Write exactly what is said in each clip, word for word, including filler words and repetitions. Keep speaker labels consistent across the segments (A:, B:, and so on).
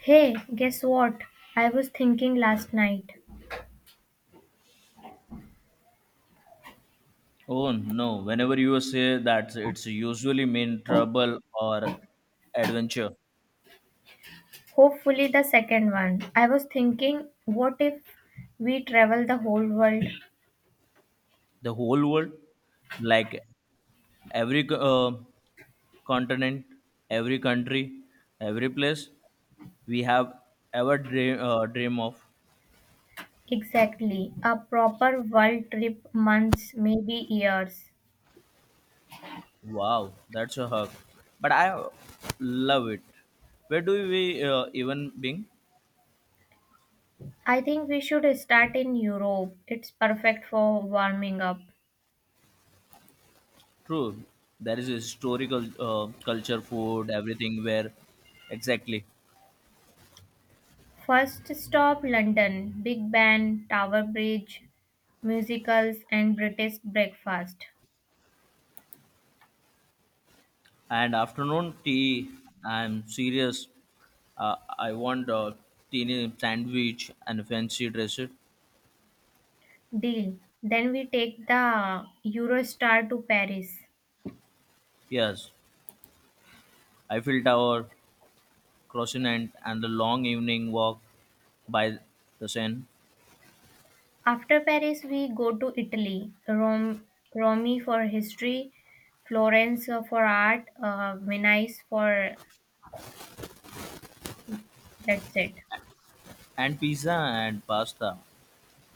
A: Hey, guess what? I was thinking last night.
B: Oh no, whenever you say that, it's usually mean trouble or adventure.
A: Hopefully, the second one. I was thinking, what if we travel the whole world?
B: The whole world, like every uh, continent, every country, every place we have ever dream, uh, dream of.
A: Exactly. A proper world trip, months, maybe years.
B: Wow, that's a hug. But I love it. Where do we uh, even being?
A: I think we should start in Europe. It's perfect for warming up.
B: True, there is historical uh, culture, food, everything where exactly.
A: First stop London, Big Ben, Tower Bridge, musicals, and British breakfast.
B: And afternoon tea. I'm serious. uh, I want a teeny sandwich and fancy dress it.
A: Deal. Then we take the Eurostar to Paris.
B: Yes, Eiffel Tower, croissant, and the long evening walk by the Seine,
A: After Paris, we go to Italy, Rome, Rome for history, Florence uh, for art, uh, Venice for that's it.
B: and pizza and pasta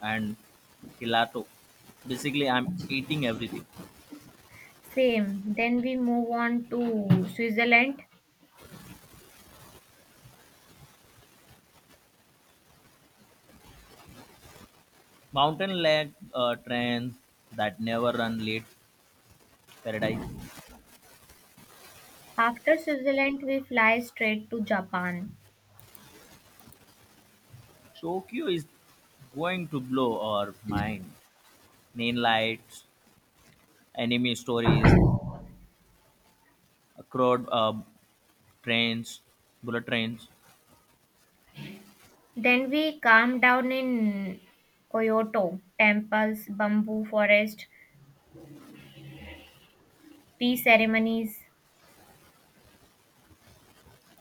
B: and gelato. Basically, I'm eating everything.
A: Same. Then we move on to Switzerland.
B: Mountain leg uh, trains that never run late. Paradise.
A: After Switzerland, we fly straight to Japan.
B: Tokyo is going to blow our mind. Main lights, enemy stories, uh, crowd uh, trains, bullet trains.
A: Then we calm down in Kyoto, temples, bamboo forest, tea ceremonies.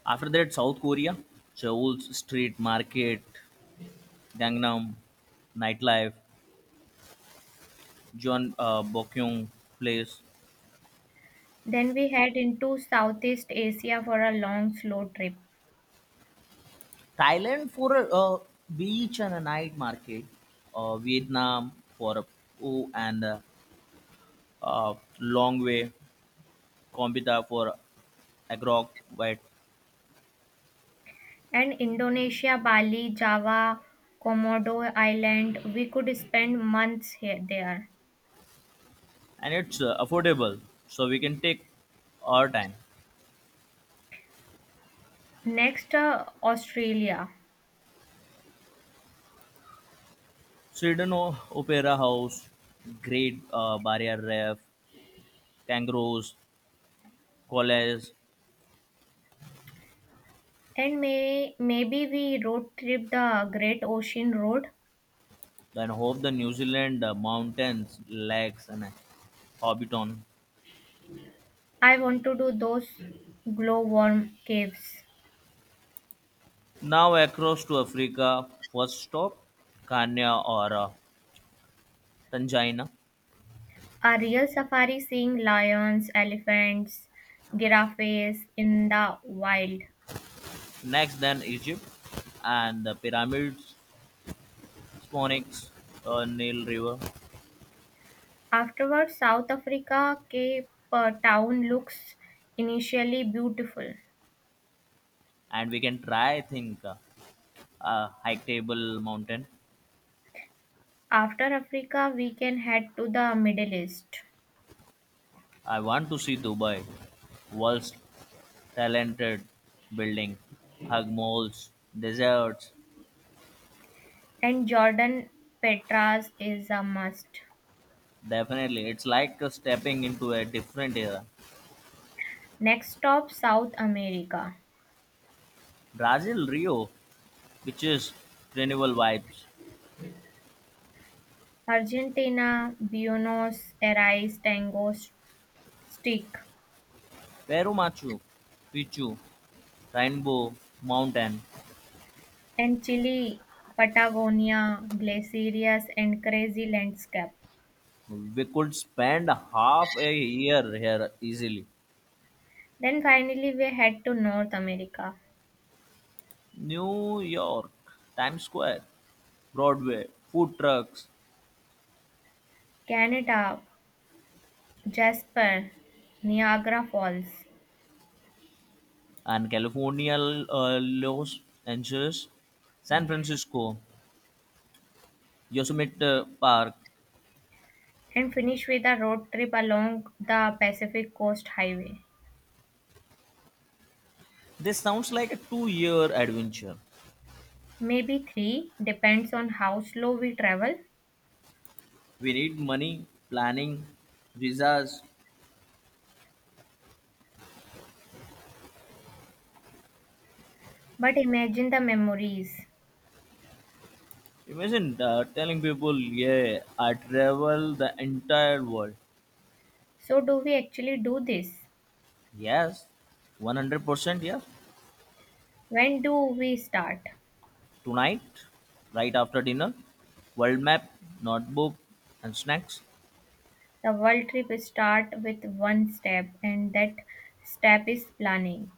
B: After that, South Korea, Seoul's street market, Gangnam, nightlife, John uh, Bokyung place,
A: Then we head into Southeast Asia for a long, slow trip.
B: Thailand for a uh, beach and a night market, uh, Vietnam for a oh and a, uh, long way, Cambodia for Agrok, white,
A: And Indonesia, Bali, Java, Komodo Island, we could spend months here there.
B: and it's uh, affordable, so we can take our time.
A: Next, uh, Australia.
B: Sweden O- Opera House, Great uh, Barrier Reef, Kangaroos, College,
A: And may, maybe we road trip the Great Ocean Road.
B: then hope the New Zealand uh, mountains, lakes, and uh, Hobbiton.
A: I want to do those glowworm caves.
B: Now across to Africa, first stop Kenya or uh, Tanzania.
A: A real safari seeing lions, elephants, giraffes in the wild.
B: Next, then Egypt and the pyramids, Sphinx, uh, Nile River,
A: Afterwards, South Africa Cape uh, Town looks initially beautiful.
B: and we can try. I think uh, uh, hike table mountain.
A: After Africa, we can head to the Middle East,
B: I want to see Dubai, world's talented building, hug malls, deserts.
A: and Jordan Petras is a must.
B: Definitely, it's like uh, stepping into a different era.
A: Next stop South America,
B: Brazil, Rio, which is renewal vibes.
A: Argentina, Buenos Aires Tango S- Stick,
B: Peru, Machu Picchu, Rainbow Mountain.
A: and Chile, Patagonia, glaciers, and crazy landscape.
B: We could spend half a year here easily.
A: Then finally, we head to North America,
B: New York, Times Square, Broadway, food trucks,
A: Canada, Jasper, Niagara Falls,
B: and California, uh, Los Angeles, San Francisco, Yosemite uh, Park.
A: and finish with a road trip along the Pacific Coast Highway.
B: This sounds like a two year adventure.
A: Maybe three, depends on how slow we travel.
B: We need money, planning, visas.
A: But imagine the memories.
B: Imagine uh, telling people, yeah, I travel the entire world.
A: So, do we actually do this?
B: Yes, one hundred percent yes.
A: When do we start?
B: Tonight, right after dinner, world map, notebook, and snacks.
A: The world trip start with one step, and that step is planning.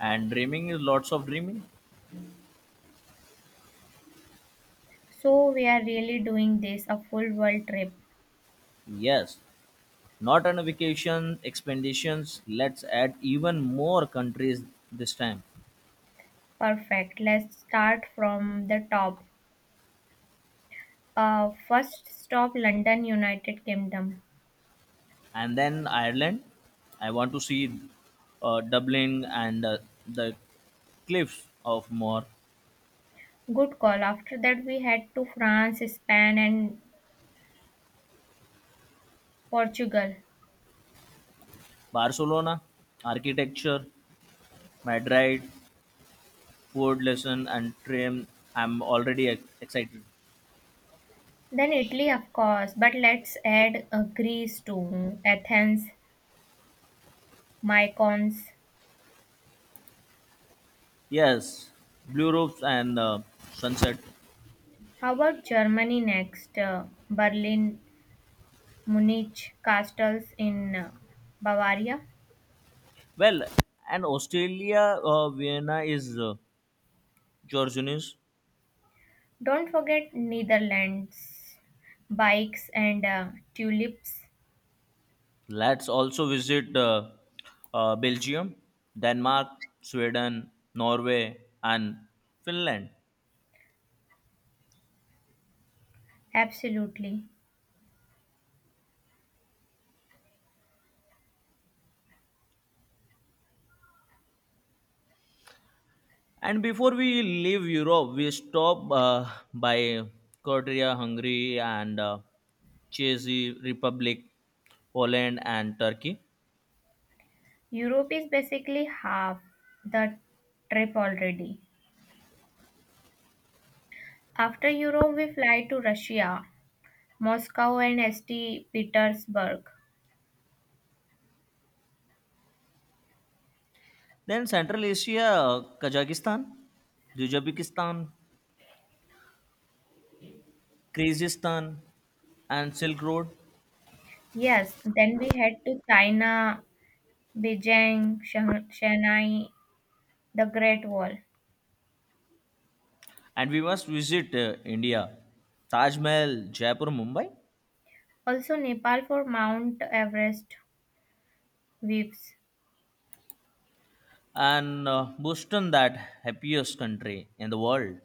B: And dreaming is lots of dreaming.
A: So, we are really doing this a full world trip.
B: Yes. Not on vacation expeditions. Let's add even more countries this time,
A: Perfect. Let's start from the top. Uh, first stop London, United Kingdom.
B: and then Ireland. I want to see uh, Dublin and uh, the cliffs of Moher,
A: Good call. After that, we head to France, Spain, and Portugal.
B: Barcelona, architecture, Madrid, food lesson, and train. I'm already ex- excited.
A: Then Italy, of course, but let's add uh, Greece too, Athens, Mykonos.
B: Yes, blue roofs and uh, sunset.
A: How about Germany next? Uh, Berlin, Munich, castles in uh, Bavaria.
B: Well, and Australia, uh, Vienna is uh, Georgianus.
A: Don't forget Netherlands, bikes and uh, tulips.
B: Let's also visit uh, uh, Belgium, Denmark, Sweden, Norway, and Finland.
A: Absolutely.
B: And before we leave Europe, we stop uh, by Croatia, Hungary, and uh, Czech Republic, Poland, and Turkey.
A: Europe is basically half the trip already. After Europe, we fly to Russia, Moscow, and saint Petersburg.
B: Then Central Asia, Kazakhstan, Uzbekistan, Kyrgyzstan, and Silk Road.
A: Yes, then we head to China, Beijing, Shang- Shanghai, the Great Wall.
B: And we must visit uh, India, Taj Mahal, Jaipur, Mumbai
A: Also Nepal for Mount Everest views.
B: and uh, Boston that happiest country in the world.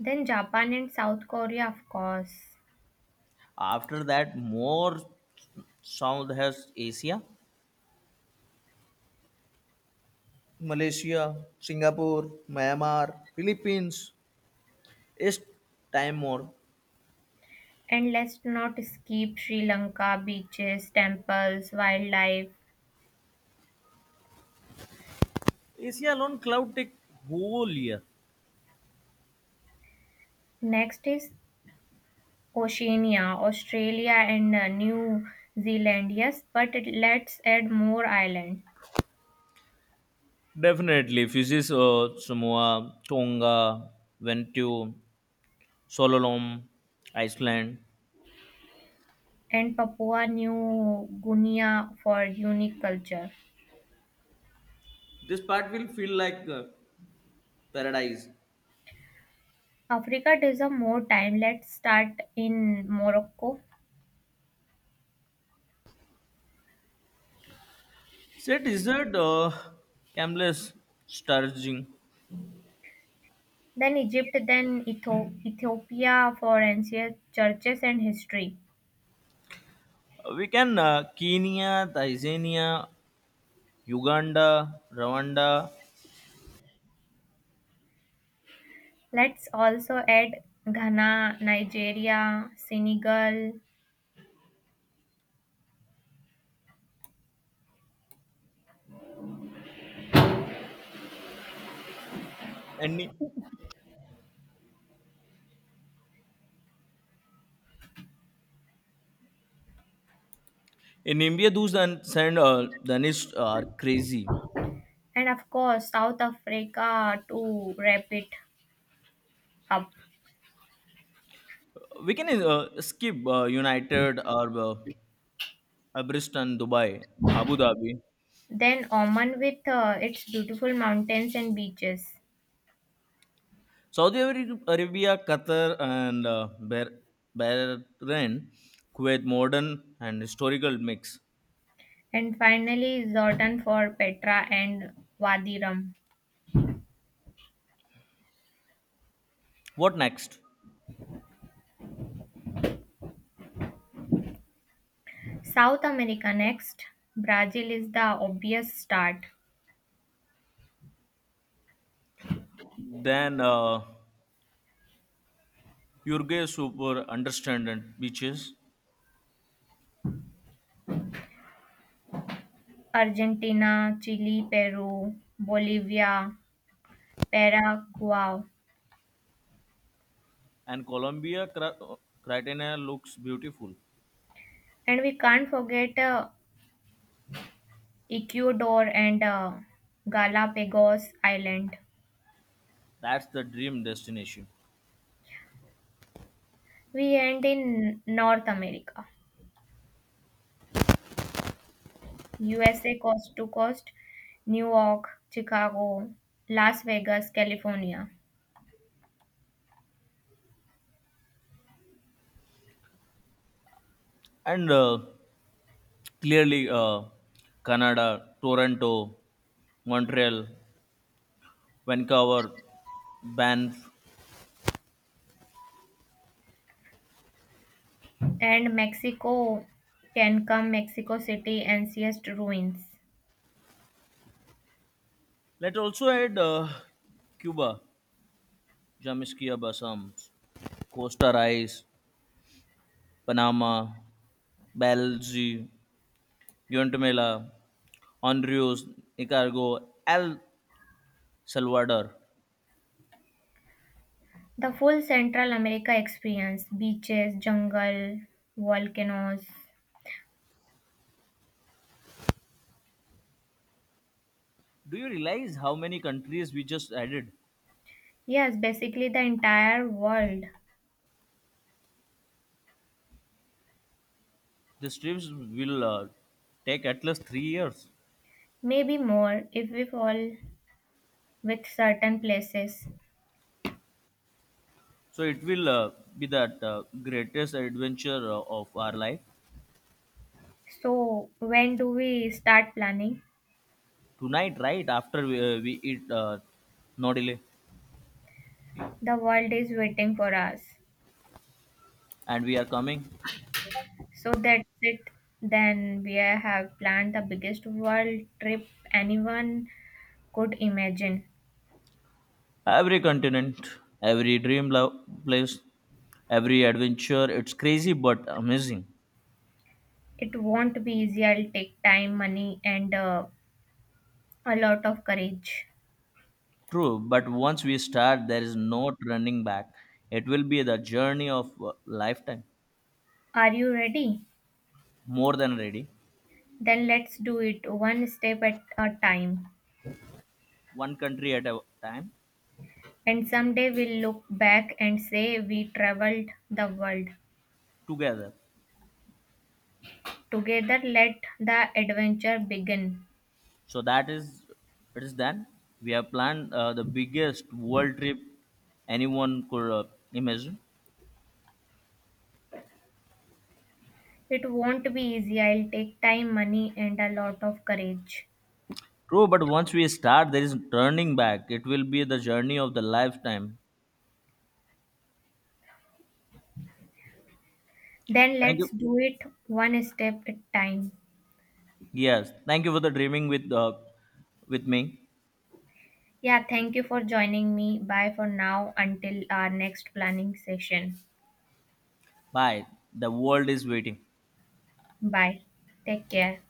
A: Then Japan and South Korea, of course.
B: After that, more South has Asia, Malaysia, Singapore, Myanmar, Philippines. East Timor.
A: And let's not skip Sri Lanka, beaches, temples, wildlife.
B: Asia alone cloud take whole year.
A: Next is Oceania, Australia and uh, New Zealand. Yes, but it- let's add more island
B: Definitely, Fiji, uh, Samoa, Tonga, Vanuatu, Sololom, Iceland.
A: and Papua New Guinea for unique culture.
B: This part will feel like uh, paradise.
A: Africa deserves more time. Let's start in Morocco,
B: Say desert, uh, Camless, Sturging.
A: then Egypt, then Etho- Ethiopia for ancient churches and history.
B: We can uh, Kenya, Tanzania, Uganda, Rwanda,
A: Let's also add Ghana, Nigeria, Senegal,
B: and in India, those and send uh, Danish are crazy.
A: and of course South Africa to wrap it up.
B: We can uh, skip uh, United or uh, Abristan, Dubai, Abu Dhabi,
A: Then Oman with uh, its beautiful mountains and beaches.
B: Saudi Arabia, Qatar, and uh, Bah- Bahrain, Kuwait, modern and historical mix.
A: And finally, Jordan for Petra and Wadi Rum.
B: What next?
A: South America next. Brazil is the obvious start.
B: Then uh, Uruguay super understand and beaches.
A: Argentina, Chile, Peru, Bolivia, Paraguay.
B: And Colombia Cra- Criteria looks beautiful.
A: And we can't forget uh, Ecuador and uh, Galapagos Island.
B: That's the dream destination.
A: We end in North America. U S A coast to coast, New York, Chicago, Las Vegas, California.
B: And uh, clearly, uh, Canada, Toronto, Montreal, Vancouver, Banff.
A: And Mexico can come Mexico City and Siest ruins.
B: Let's also add uh, Cuba, Jamaica, Bassams, Costa Rice, Panama, Belize, Guatemala, Honduras, Nicaragua, El Salvador.
A: The full Central America experience beaches, jungle, volcanoes.
B: Do you realize how many countries we just added?
A: Yes, basically the entire world.
B: The strips will uh, take at least three years.
A: Maybe more if we fall with certain places.
B: So it will uh, be that uh, greatest adventure uh, of our life.
A: So, when do we start planning?
B: Tonight, right after we, uh, we eat. Uh, no delay,
A: The world is waiting for us.
B: and we are coming.
A: So, that's it. Then we have planned the biggest world trip anyone could imagine.
B: Every continent, every dream lo- place, every adventure. It's crazy but amazing.
A: It won't be easy. I'll take time, money, and uh, a lot of courage.
B: True, but once we start, there is no turning back. It will be the journey of a lifetime.
A: Are you ready?
B: More than ready.
A: Then let's do it one step at a time.
B: One country at a time,
A: And someday we'll look back and say we traveled the world.
B: together.
A: Together, let the adventure begin.
B: So that is it is done. We have planned uh, the biggest world trip anyone could uh, imagine.
A: It won't be easy. I'll take time, money, and a lot of courage.
B: True, but once we start, there is turning back. It will be the journey of the lifetime.
A: Then
B: Thank
A: let's
B: you.
A: do it one step at time.
B: Yes, thank you for the dreaming with uh, with me.
A: Yeah, thank you for joining me. Bye for now until our next planning session.
B: Bye. The world is waiting.
A: Bye. Take care.